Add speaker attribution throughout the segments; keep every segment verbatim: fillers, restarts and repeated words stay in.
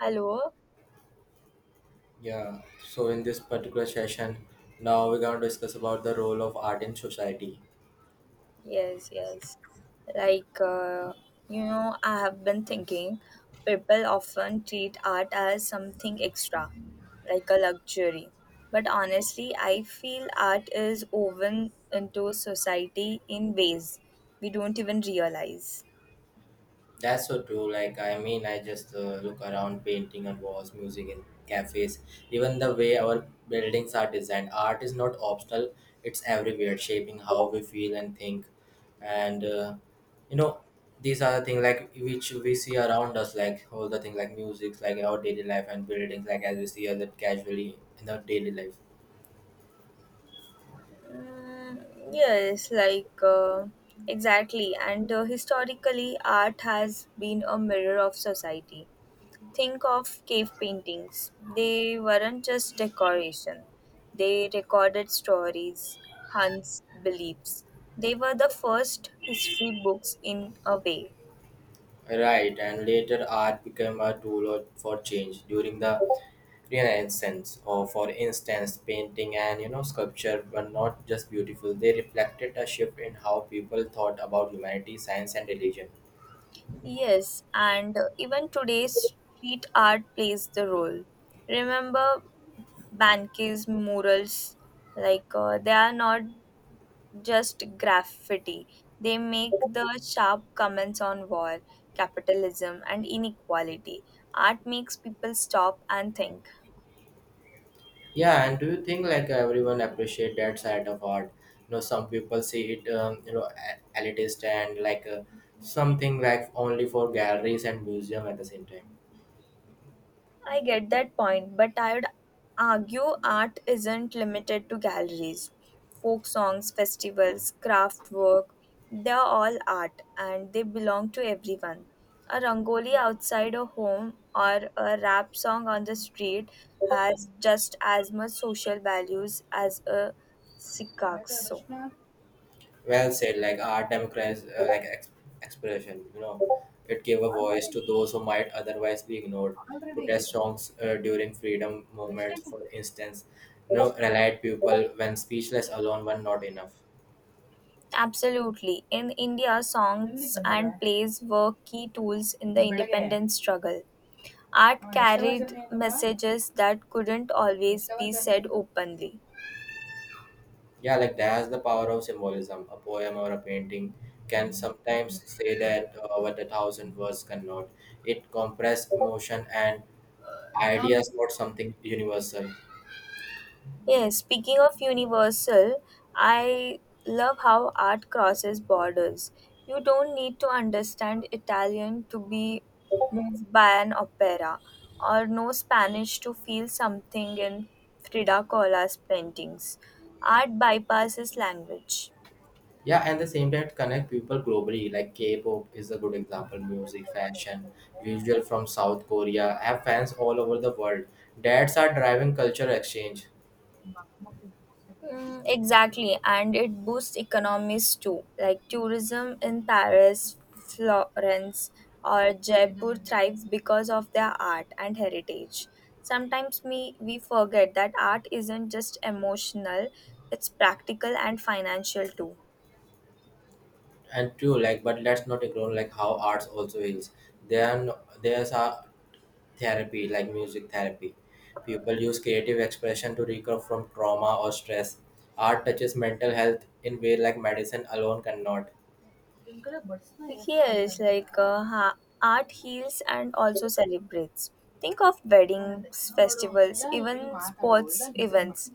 Speaker 1: Hello.
Speaker 2: Yeah, so in this particular session, now we're going to discuss about the role of art in society.
Speaker 1: Yes, yes. Like, uh, you know, I have been thinking people often treat art as something extra, like a luxury. But honestly, I feel art is woven into society in ways we don't even realize.
Speaker 2: That's so true. Like, I mean, I just uh, look around painting on walls, music in cafes, even the way our buildings are designed. Art is not optional, it's everywhere, shaping how we feel and think. And, uh, you know, these are the things like which we see around us, like all the things like music, like our daily life, and buildings, like as we see other casually in our daily life.
Speaker 1: Mm, yes, like uh, exactly. And uh, Historically, art has been a mirror of society. Think of cave paintings. They weren't just decoration, they recorded stories, hunts, beliefs. They were the first history books in a way.
Speaker 2: Right, and later art became a tool for change. During the Renaissance, or for instance, painting and you know sculpture were not just beautiful; they reflected a shift in how people thought about humanity, science, and religion.
Speaker 1: Yes, and uh, even today's street art plays the role. Remember Banki's murals? Like, uh, they are not just graffiti. They make the sharp comments on war, capitalism, and inequality. Art makes people stop and think.
Speaker 2: Yeah, and do you think like everyone appreciate that side of art? You know, some people see it, um, you know, a- elitist and like uh, something like only for galleries and museum at the same time.
Speaker 1: I get that point, but I'd argue art isn't limited to galleries. Folk songs, festivals, craft work, they're all art and they belong to everyone. A rangoli outside a home or a rap song on the street has just as much social values as a sikasso.
Speaker 2: Well said, like art democratized uh, like ex- expression. You know it gave a voice to those who might otherwise be ignored. Protest songs uh, during freedom movements, for instance, you know rallied people when speechless alone were not enough.
Speaker 1: Absolutely. In India, songs and plays were key tools in the independence struggle. Art carried messages that couldn't always be said openly.
Speaker 2: Yeah, like that's the power of symbolism. A poem or a painting can sometimes say that uh, what a thousand words cannot. It compress emotion and ideas for something universal.
Speaker 1: Yes, speaking of universal, I love how art crosses borders. You don't need to understand Italian to be moved by an opera, or know Spanish to feel something in Frida Kahlo's paintings. Art bypasses language.
Speaker 2: Yeah, and the same time connect people globally. Like K-pop is a good example. Music, fashion, visual from South Korea have fans all over the world. That's are driving culture exchange.
Speaker 1: Mm, exactly, and it boosts economies too, like tourism in Paris, Florence, or Jaipur thrives because of their art and heritage. Sometimes we, we forget that art isn't just emotional, it's practical and financial too.
Speaker 2: And true, like, but let's not ignore like how arts also heals. Then there's a therapy, like music therapy. People use creative expression to recover from trauma or stress. Art touches mental health in way like medicine alone cannot.
Speaker 1: Yes, like uh, ha- Art heals and also celebrates. Think of weddings, festivals, even sports events.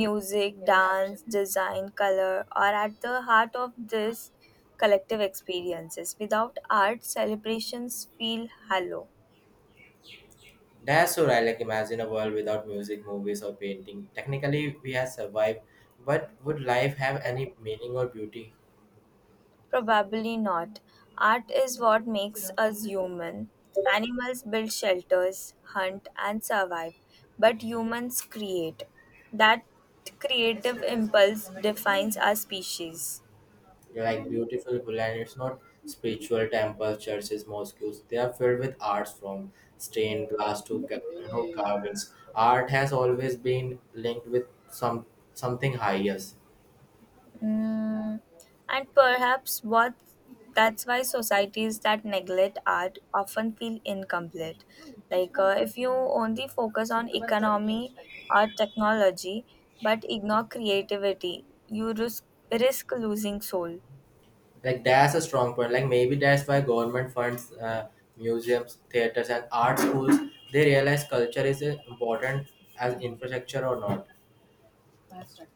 Speaker 1: Music, dance, design, color are at the heart of this collective experiences. Without art, celebrations feel hollow.
Speaker 2: That's so right. Like imagine a world without music, movies, or painting. Technically, we have survived, but would life have any meaning or beauty?
Speaker 1: Probably not. Art is what makes us human. Animals build shelters, hunt, and survive, but humans create. That creative impulse defines our species.
Speaker 2: Like beautiful, and it's not spiritual temples, churches, mosques. They are filled with arts from stained glass to ca- you know carvings. Art has always been linked with some something higher.
Speaker 1: Mm, and perhaps what That's why societies that neglect art often feel incomplete. Like uh, if you only focus on economy or technology but ignore creativity, you risk, risk losing soul.
Speaker 2: Like that's a strong point. Like maybe that's why government funds uh, museums, theaters, and art schools. They realize culture is uh, important as infrastructure or not.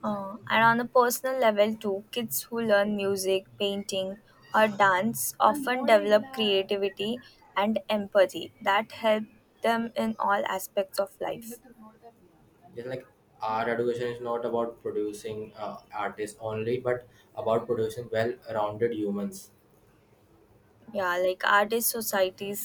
Speaker 1: Uh, and on a personal level, too, kids who learn music, painting, or dance often develop creativity and empathy that help them in all aspects of life.
Speaker 2: Just like art education is not about producing uh, artists only, but about producing well-rounded humans.
Speaker 1: Yeah, like art is society's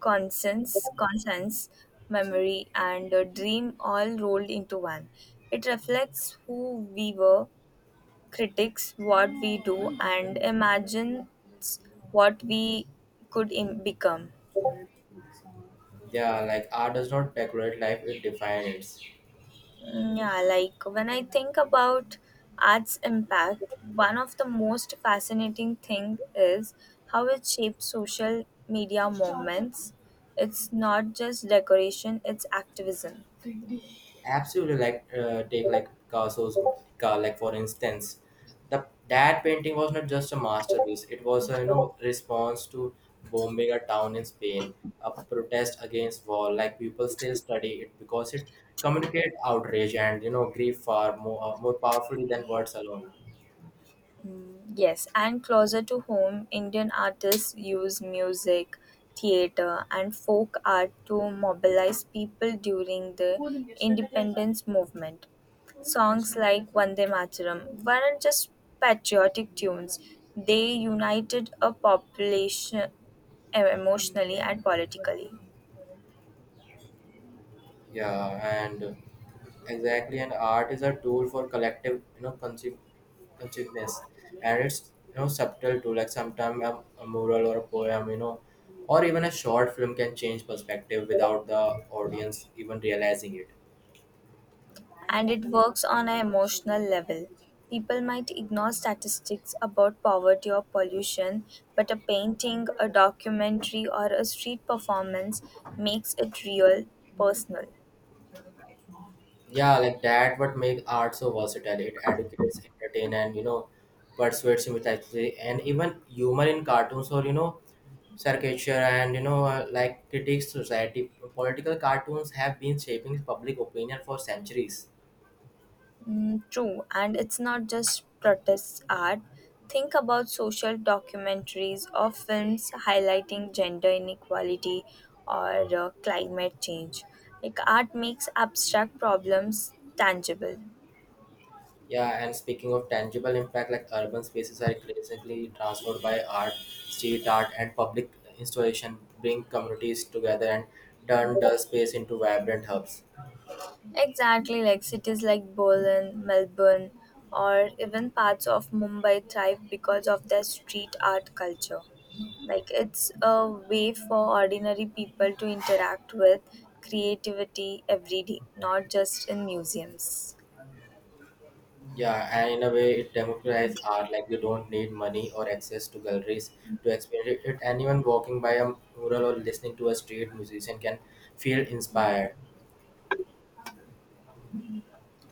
Speaker 1: conscience, conscience, memory, and a dream all rolled into one. It reflects who we were critics what we do and imagines what we could Im- become.
Speaker 2: Yeah, like art does not decorate life, it defines it.
Speaker 1: Mm, Yeah, like when I think about art's impact, one of the most fascinating thing is how it shapes social media movements. It's not just decoration, it's activism.
Speaker 2: Absolutely, like uh, take like Picasso's car, like, for instance, the that painting was not just a masterpiece, it was a, you know response to bombing a town in Spain, a protest against war. Like people still study it because it communicate outrage and you know grief far more uh, more powerfully than words alone.
Speaker 1: Yes, and closer to home, Indian artists use music, theatre, and folk art to mobilize people during the independence movement. Songs like Vande Mataram weren't just patriotic tunes, they united a population eh, emotionally and politically.
Speaker 2: Yeah, and exactly, and art is a tool for collective, you know, consci- consciousness, and it's you know subtle too. Like sometimes a, a mural or a poem, you know, or even a short film can change perspective without the audience even realizing it.
Speaker 1: And it works on an emotional level. People might ignore statistics about poverty or pollution, but a painting, a documentary, or a street performance makes it real, personal.
Speaker 2: Yeah, like that. What make art so versatile? It educates, entertain, and you know, persuades immediately. And even humor in cartoons or you know caricature and you know uh, like critiques society. Political cartoons have been shaping public opinion for centuries.
Speaker 1: Mm, true, and it's not just protest art. Think about social documentaries or films highlighting gender inequality or uh, climate change. Like art makes abstract problems tangible.
Speaker 2: Yeah, and speaking of tangible impact, like urban spaces are increasingly transformed by art. Street art and public installation bring communities together and turn the space into vibrant hubs.
Speaker 1: Exactly, like cities like Berlin, Melbourne, or even parts of Mumbai thrive because of their street art culture. Like it's a way for ordinary people to interact with creativity every day, not just in museums.
Speaker 2: Yeah, and in a way it democratizes art. Like you don't need money or access to galleries to experience it. Anyone walking by a mural or listening to a street musician can feel inspired.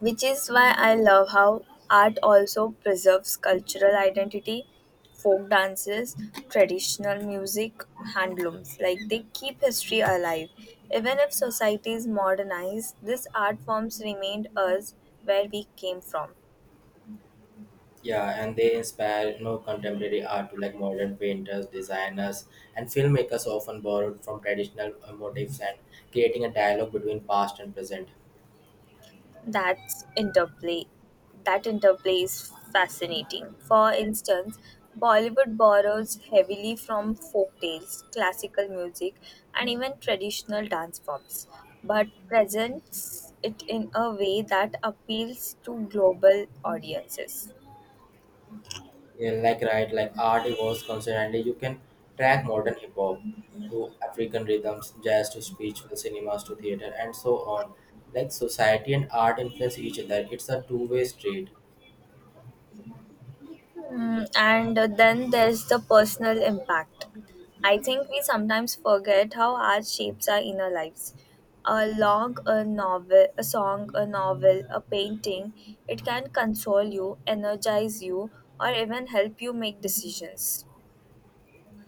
Speaker 1: Which is why I love how art also preserves cultural identity, folk dances, traditional music, handlooms. Like they keep history alive. Even if societies modernize, these art forms remind us where we came from.
Speaker 2: Yeah, and they inspire you know contemporary art to. Like modern painters, designers, and filmmakers often borrowed from traditional uh, motifs and creating a dialogue between past and present.
Speaker 1: that's interplay that interplay is fascinating. For instance, bollywood borrows heavily from folk tales, classical music, and even traditional dance forms, but presents it in a way that appeals to global audiences.
Speaker 2: Yeah, like right, like art evolves constantly. You can track modern hip hop to African rhythms, jazz to spiritual cinemas to theater, and so on. Like society and art influence each other. It's a two-way street.
Speaker 1: Mm, and then there's the personal impact. I think we sometimes forget how art shapes our inner lives. A log, a novel, a song, A novel, a painting, it can console you, energize you, or even help you make decisions.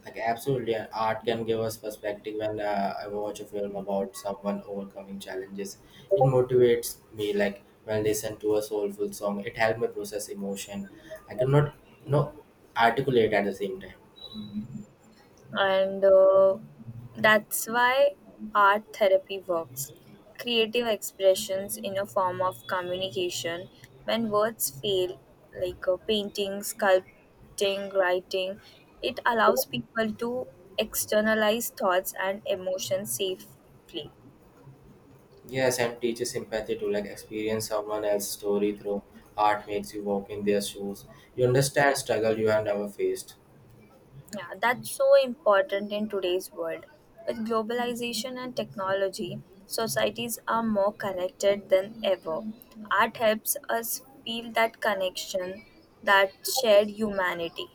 Speaker 2: Like absolutely, and art can give us perspective. When uh, I watch a film about someone overcoming challenges, it motivates me. Like when I listen to a soulful song, it helps me process emotion. I cannot, you know, articulate at the same time.
Speaker 1: And uh, That's why art therapy works. Creative expressions in a form of communication when words fail, like uh, painting, sculpting, writing, it allows people to externalize thoughts and emotions safely.
Speaker 2: Yes, and teaches empathy to. Like experience someone else's story through art makes you walk in their shoes. You understand struggle you have never faced.
Speaker 1: Yeah, that's so important in today's world. With globalization and technology, societies are more connected than ever. Art helps us feel that connection, that shared humanity.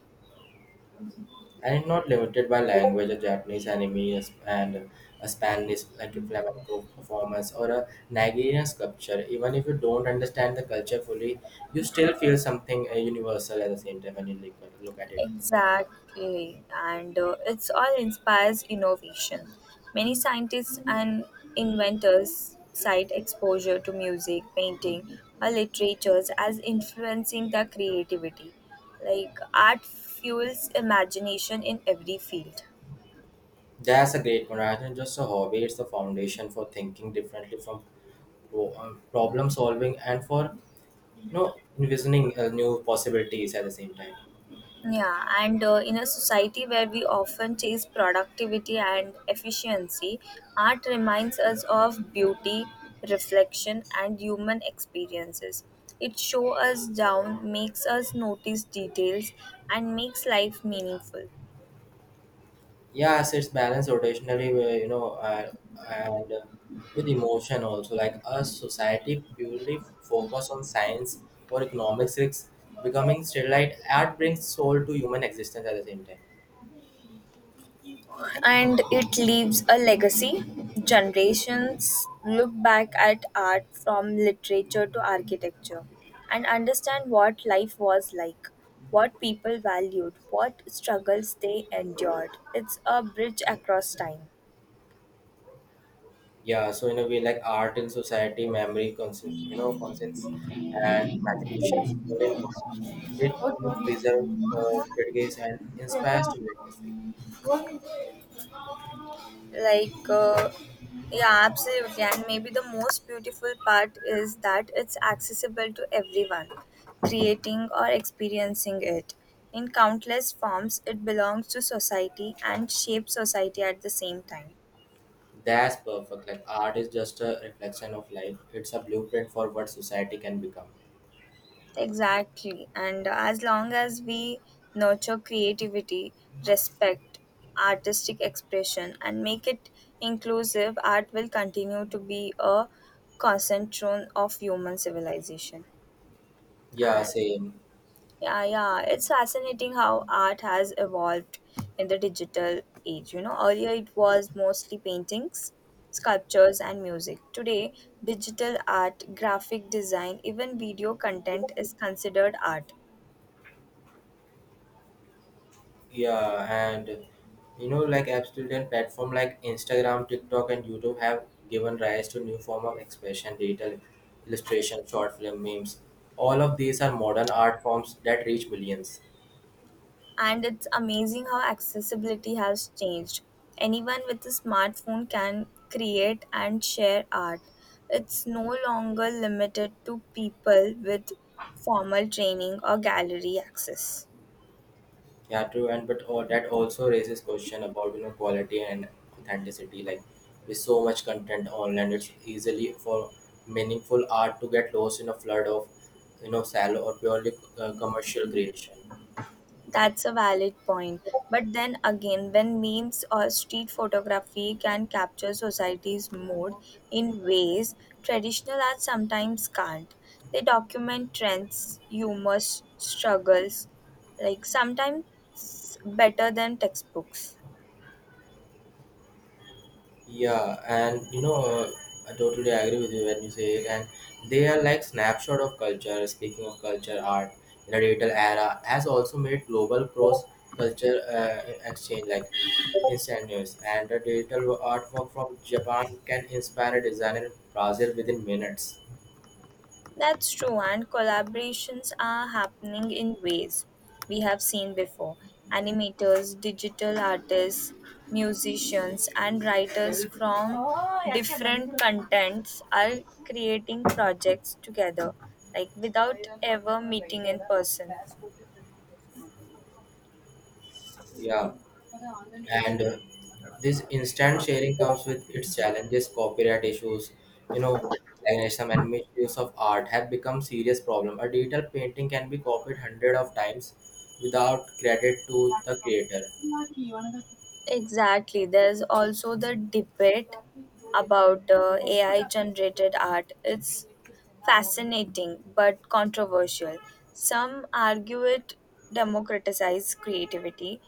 Speaker 2: And not limited by language, a Japanese anime a and a Spanish like a flamenco performance or a Nigerian sculpture. Even if you don't understand the culture fully, you still feel something uh, universal at the same time when you look at, look at it.
Speaker 1: Exactly, and uh, it's all inspires innovation. Many scientists and inventors cite exposure to music, painting, or literatures as influencing their creativity. Like art fuels imagination in every field.
Speaker 2: That's a great one. Rather than just a hobby, it's the foundation for thinking differently from pro- um, problem solving and for you know envisioning uh, new possibilities at the same time.
Speaker 1: Yeah, and uh, in a society where we often chase productivity and efficiency, art reminds us of beauty, reflection, and human experiences. It shows us down, makes us notice details, and makes life meaningful.
Speaker 2: Yeah, so it's balanced rotationally where you know uh, and uh, with emotion also. Like us society purely focus on science or economics risks becoming sterilite. Art brings soul to human existence at the same time.
Speaker 1: And it leaves a legacy. Generations look back at art from literature to architecture and understand what life was like, what people valued, what struggles they endured. It's a bridge across time.
Speaker 2: Yeah, so in a way, like art in society memory conscience, you know conscience and imaginations all in one. It you know preserve, uh, critiques and inspires to witnessing.
Speaker 1: like uh, yeah, absolutely. And maybe the most beautiful part is that it's accessible to everyone, creating or experiencing it in countless forms. It belongs to society and shapes society at the same time.
Speaker 2: That's perfect. Like art is just a reflection of life, it's a blueprint for what society can become.
Speaker 1: Exactly, and as long as we nurture creativity, respect artistic expression, and make it inclusive, art will continue to be a cornerstone of human civilization.
Speaker 2: Yeah,
Speaker 1: And
Speaker 2: same.
Speaker 1: yeah, yeah, it's fascinating how art has evolved in the digital age. You know, earlier it was mostly paintings, sculptures, and music. Today, digital art, graphic design, even video content is considered art.
Speaker 2: Yeah, and you know, like absolute platform like Instagram, TikTok, and YouTube have given rise to new form of expression, digital illustration, short film memes. All of these are modern art forms that reach millions.
Speaker 1: And it's amazing how accessibility has changed. Anyone with a smartphone can create and share art. It's no longer limited to people with formal training or gallery access.
Speaker 2: Yeah, true, and but all, that also raises question about you know quality and authenticity. Like with so much content online, it's easily for meaningful art to get lost in a flood of you know shallow or purely uh, commercial creation.
Speaker 1: That's a valid point. But then again, when memes or street photography can capture society's mood in ways traditional art sometimes can't, they document trends, humor, struggles, like sometimes better than textbooks.
Speaker 2: Yeah, and you know, uh, I totally agree with you when you say it. And they are like snapshot of culture. Speaking of culture, art in a digital era has also made global cross culture uh, exchange like instantaneous. And a digital artwork from Japan can inspire a designer in Brazil within minutes.
Speaker 1: That's true, and collaborations are happening in ways we have seen before. Animators, digital artists, musicians, and writers from different contents are creating projects together, like without ever meeting in person.
Speaker 2: Yeah, and uh, This instant sharing comes with its challenges, copyright issues, you know, plagiarism and misuse of art have become serious problem. A digital painting can be copied hundred of times without credit to the creator.
Speaker 1: Exactly. There's also the debate about uh, A I generated art. It's fascinating but controversial. Some argue it democratizes creativity,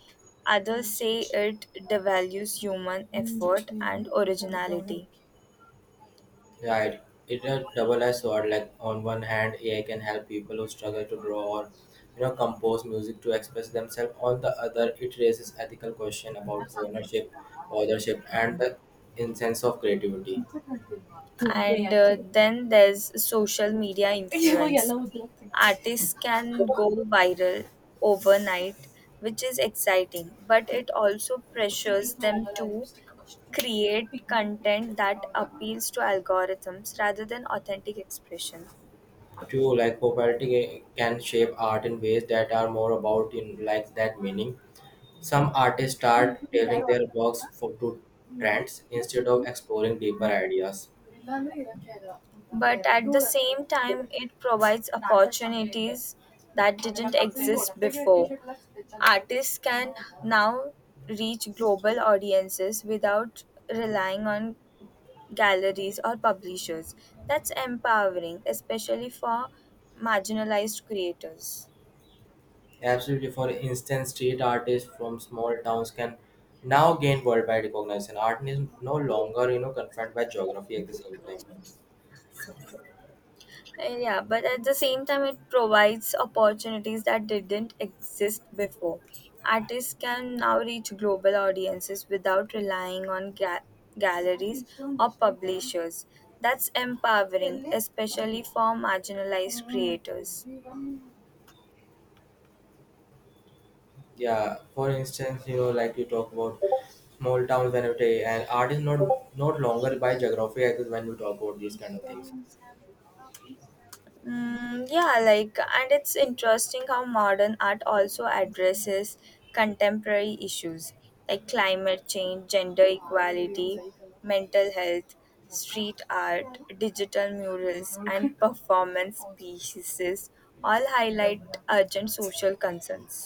Speaker 1: others say it devalues human effort and originality.
Speaker 2: Right. It's a double-edged sword. Like on one hand, A I can help people who struggle to draw or you know compose music to express themselves. On the other, it raises ethical question about ownership, authorship, and the incense of creativity.
Speaker 1: And uh, Then there's social media influence. Artists can go viral overnight, which is exciting, but it also pressures them to create content that appeals to algorithms rather than authentic expression.
Speaker 2: True, like popularity can shape art in ways that are more about in like that meaning. Some artists start tailoring their works for to trends instead of exploring deeper ideas.
Speaker 1: But at the same time, it provides opportunities that didn't exist before. Artists can now reach global audiences without relying on galleries or publishers. That's empowering, especially for marginalized creators.
Speaker 2: Absolutely, for instance, street artists from small towns can now gain worldwide recognition. Art is no longer you know confined by geography at the same time.
Speaker 1: Uh, Yeah, but at the same time, it provides opportunities that didn't exist before. Artists can now reach global audiences without relying on ga- galleries or publishers. That's empowering, especially for marginalized creators.
Speaker 2: Yeah, for instance, you know, like you talk about small towns when you take, and art is not not longer by geography. I guess when you talk about these kind of things.
Speaker 1: Mm, yeah, like, and it's interesting how modern art also addresses contemporary issues like climate change, gender equality, mental health, street art, digital murals, and performance pieces all highlight urgent social concerns.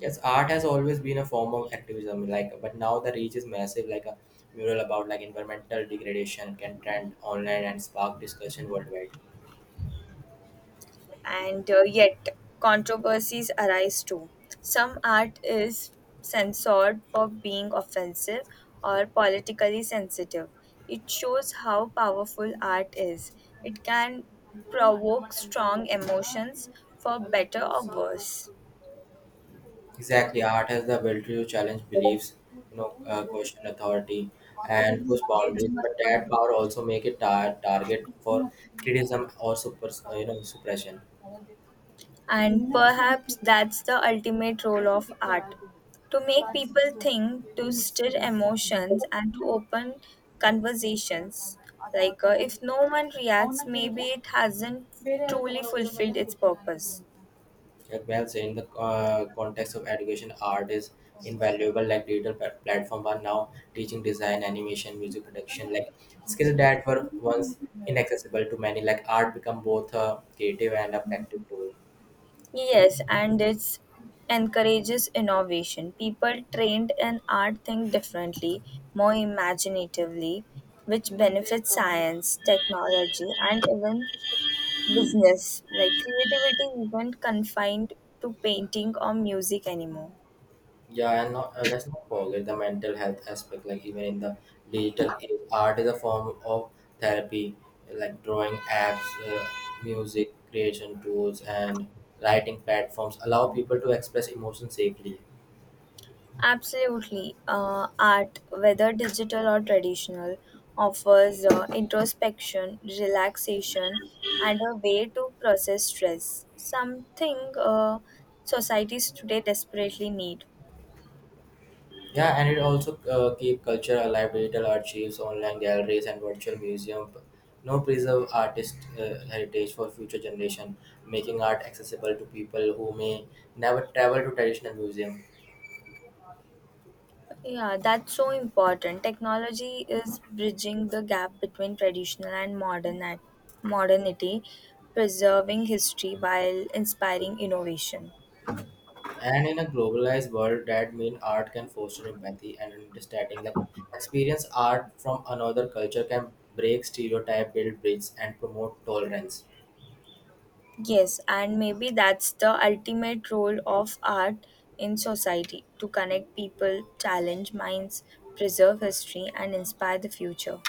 Speaker 2: Yes, art has always been a form of activism, like, but now the reach is massive. Like a mural about like environmental degradation can trend online and spark discussion worldwide.
Speaker 1: And uh, Yet controversies arise too. Some art is censored for being offensive or politically sensitive. It shows how powerful art is. It can provoke strong emotions for better or worse.
Speaker 2: Exactly, art has the ability to challenge beliefs, you know, uh, question authority, and push boundaries. But that power also make it tar- target for criticism or super, uh, you know, suppression.
Speaker 1: And perhaps that's the ultimate role of art: to make people think, to stir emotions, and to open conversations. Like, uh, if no one reacts, maybe it hasn't truly fulfilled its purpose.
Speaker 2: As Well say In the uh, context of education, art is invaluable. Like digital pla- platform are now teaching design, animation, music production, like skills that were once inaccessible to many. Like art become both a creative and a practical tool.
Speaker 1: Yes, and it encourages innovation. People trained in art think differently, more imaginatively, which benefits science, technology, and even business. Like creativity isn't confined to painting or music anymore.
Speaker 2: Yeah, and not, uh, let's not forget the mental health aspect. Like even in the digital age, art is a form of therapy. Like drawing apps, uh, music creation tools, and writing platforms allow people to express emotions safely.
Speaker 1: Absolutely. Uh, art, whether digital or traditional, offers uh, introspection, relaxation, and a way to process stress, something uh, societies today desperately need.
Speaker 2: Yeah, and it also uh, keep culture alive. Digital archives, online galleries, and virtual museum now preserve artist uh, heritage for future generation, making art accessible to people who may never travel to traditional museum.
Speaker 1: Yeah, that's so important. Technology is bridging the gap between traditional and modern at- modernity, preserving history while inspiring innovation.
Speaker 2: And in a globalized world, that means art can foster empathy and understanding. Like experience art from another culture can break stereotype, build bridges, and promote tolerance.
Speaker 1: Yes, and maybe that's the ultimate role of art in society: to connect people, challenge minds, preserve history, and inspire the future.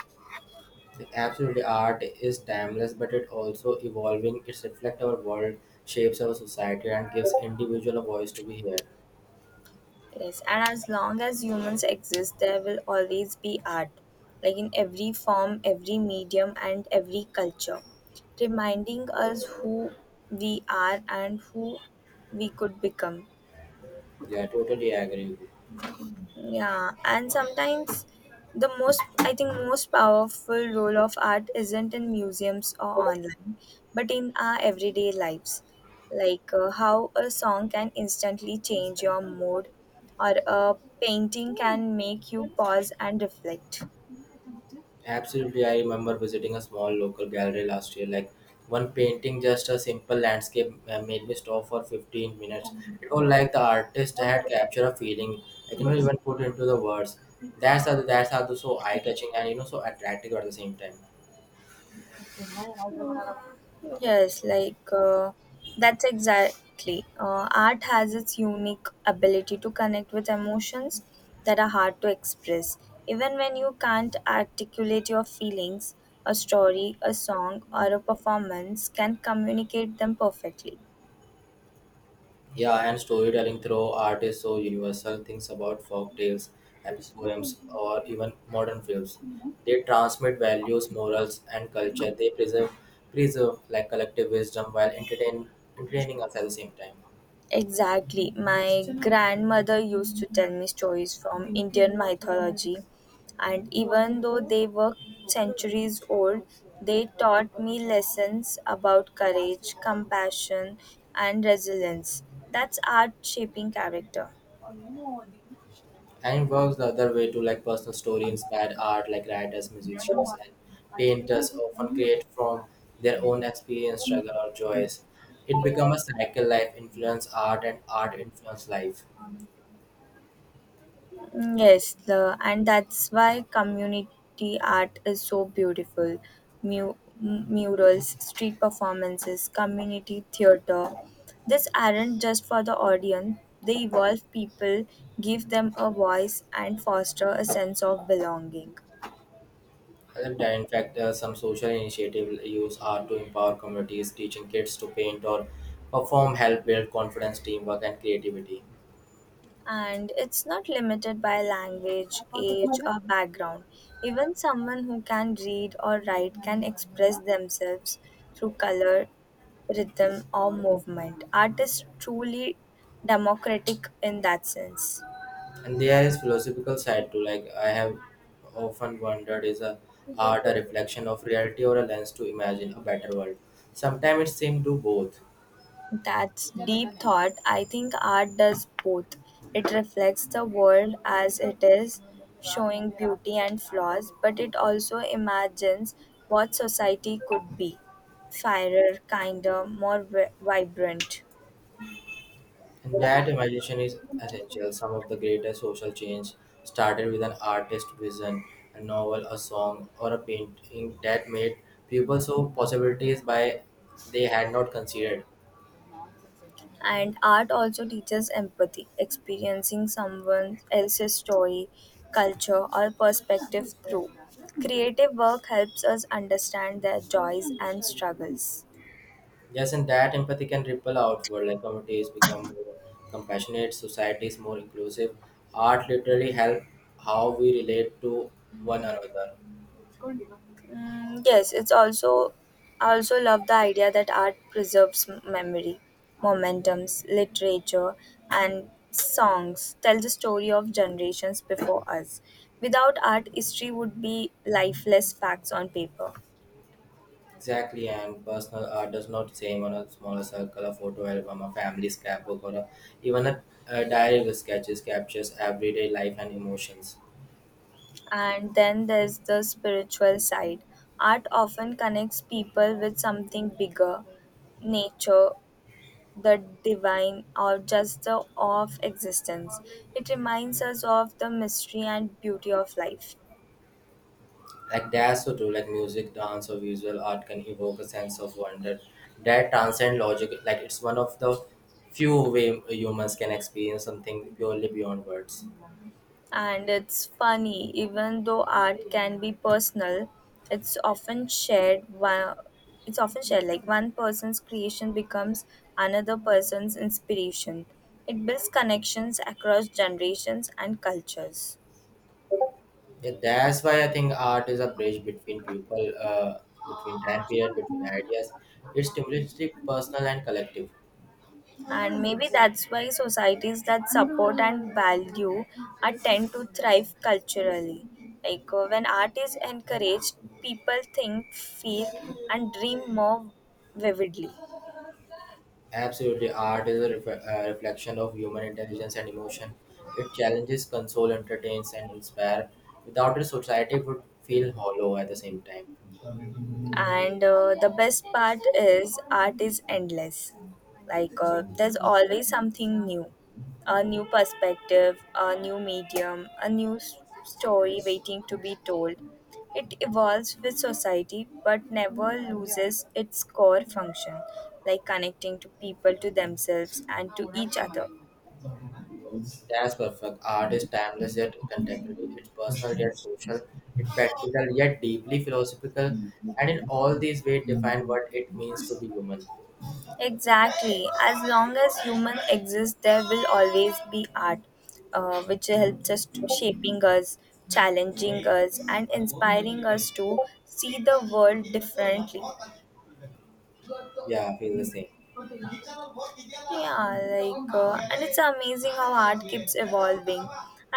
Speaker 2: Absolutely, art is timeless, but it also evolving. It's reflect our world, shapes our society, and gives individual a voice to be heard.
Speaker 1: Yes, and as long as humans exist, there will always be art, like in every form, every medium, and every culture, reminding us who we are and who we could become.
Speaker 2: Yeah, totally agree.
Speaker 1: Yeah, and sometimes the most, I think, most powerful role of art isn't in museums or online, but in our everyday lives. Like uh, how a song can instantly change your mood, or a painting can make you pause and reflect.
Speaker 2: Absolutely, I remember visiting a small local gallery last year. Like one painting, just a simple landscape, uh, made me stop for fifteen minutes. It was like the artist had captured a feeling I cannot even put into the words. That's how that's how so eye catching and you know so attractive at the same time.
Speaker 1: Yes, like uh, that's exactly. Uh, art has its unique ability to connect with emotions that are hard to express. Even when you can't articulate your feelings, a story, a song, or a performance can communicate them perfectly.
Speaker 2: Yeah, and storytelling through art is so universal. Things about folk tales, epic poems, or even modern films. They transmit values, morals, and culture. They preserve, preserve like collective wisdom while entertain, entertaining us at the same time.
Speaker 1: Exactly. My grandmother used to tell me stories from Indian mythology, and even though they were centuries old, they taught me lessons about courage, compassion, and resilience. That's art shaping character.
Speaker 2: And it works the other way too. Like personal story inspired art, like writers, musicians, and painters often create from their own experience, struggle, or joys. It becomes a cycle. Life influence art, and art influence life.
Speaker 1: Mm, Yes, the, and that's why community art is so beautiful. Mu- m- Murals, street performances, community theater. These aren't just for the audience, they evolve people, give them a voice, and foster a sense of belonging.
Speaker 2: Uh, In fact, uh, some social initiatives use art to empower communities, teaching kids to paint or perform help build confidence, teamwork, and creativity.
Speaker 1: And it's not limited by language, age, or background. Even someone who can read or write can express themselves through color, rhythm, or movement. Art is truly democratic in that sense.
Speaker 2: And there is philosophical side too. Like I have often wondered, is a art a reflection of reality or a lens to imagine a better world? Sometimes it seems to both.
Speaker 1: That's deep thought. I think art does both. It reflects the world as it is, showing beauty and flaws, but it also imagines what society could be: fairer, kinder, more vi- vibrant.
Speaker 2: That imagination is essential. Some of the greatest social change started with an artist's vision, a novel, a song, or a painting that made people saw possibilities by they had not considered.
Speaker 1: And art also teaches empathy, experiencing someone else's story, culture, or perspective through. Creative work helps us understand their joys and struggles.
Speaker 2: Yes, and that empathy can ripple outward. Like communities become more compassionate, societies more inclusive. Art literally help how we relate to one another.
Speaker 1: Mm, yes, it's also I also love the idea that art preserves m- memory, momentums, literature, and songs tell the story of generations before us. Without art, history would be lifeless facts on paper.
Speaker 2: Exactly, and personal art does not same on a smaller circle, a photo album, a family scrapbook, or a, even a, a diary with sketches captures everyday life and emotions.
Speaker 1: And then there's the spiritual side. Art often connects people with something bigger, nature, the divine, or just the awe of existence. It reminds us of the mystery and beauty of life.
Speaker 2: Like that's so true. Like music, dance, or visual art can evoke a sense of wonder that transcend logic. Like it's one of the few way humans can experience something purely beyond words.
Speaker 1: And it's funny, even though art can be personal, it's often shared. While, it's often shared like one person's creation becomes another person's inspiration. It builds connections across generations and cultures.
Speaker 2: Yeah, that's why I think art is a bridge between people, uh, between time period, between ideas. It's stimulates the personal and collective.
Speaker 1: And maybe that's why societies that support and value art tend to thrive culturally. Like uh, when art is encouraged, people think, feel, and dream more vividly.
Speaker 2: Absolutely, art is a ref- uh, reflection of human intelligence and emotion. It challenges, consoles, entertains, and inspires. Without it, society would feel hollow at the same time.
Speaker 1: And uh, The best part is art is endless. Like uh, there's always something new, a new perspective, a new medium, a new s- story waiting to be told. It evolves with society but never loses its core function, like connecting to people, to themselves, and to each other.
Speaker 2: That's perfect. Art is timeless yet contemporary. It's personal yet social. It's practical yet deeply philosophical. And in all these ways, define what it means to be human.
Speaker 1: Exactly. As long as human exists, there will always be art, uh, which helps us to- shaping us, challenging us, and inspiring us to see the world differently.
Speaker 2: Yeah, I feel the same.
Speaker 1: Yeah, like, uh, and it's amazing how art keeps evolving.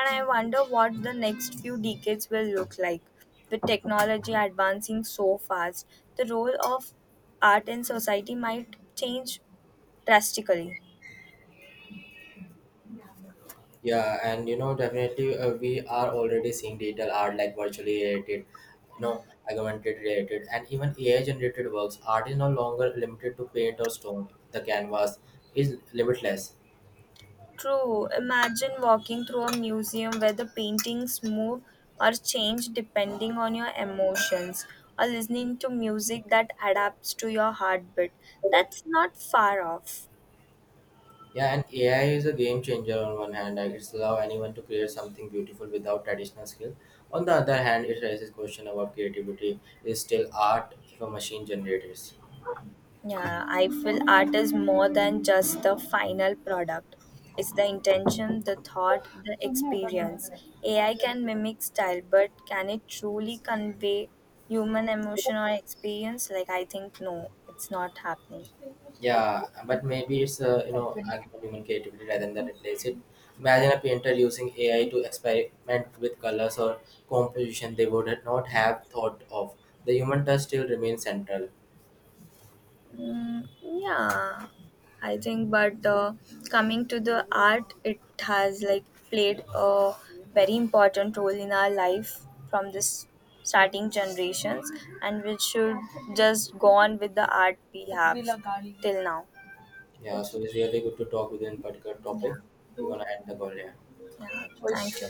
Speaker 1: And I wonder what the next few decades will look like. With technology advancing so fast, the role of art in society might change drastically.
Speaker 2: Yeah, and you know, definitely, uh, we are already seeing digital art like virtually related, you know, augmented related, and even A I generated works. Art is no longer limited to paint or stone. The canvas is limitless.
Speaker 1: True, imagine walking through a museum where the paintings move or change depending on your emotions, or listening to music that adapts to your heartbeat. That's not far off.
Speaker 2: Yeah, and A I is a game changer on one hand, like it's allow anyone to create something beautiful without traditional skill. On the other hand, it raises question about creativity. Is still art if a machine generates?
Speaker 1: Yeah, I feel art is more than just the final product. It's the intention, the thought, the experience. A I can mimic style, but can it truly convey human emotion or experience? Like, I think no, it's not happening.
Speaker 2: Yeah, but maybe it's uh, you know argument human creativity rather than replace it. Imagine a painter using A I to experiment with colors or composition they would not have thought of. The human touch still remains central.
Speaker 1: Mm, yeah, I think, but uh, coming to the art, it has like played a very important role in our life from this starting generations, and we should just go on with the art we have till now.
Speaker 2: Yeah, so it's really good to talk within particular
Speaker 1: Yeah,
Speaker 2: topic. We're gonna end the call here.
Speaker 1: yeah, thank you.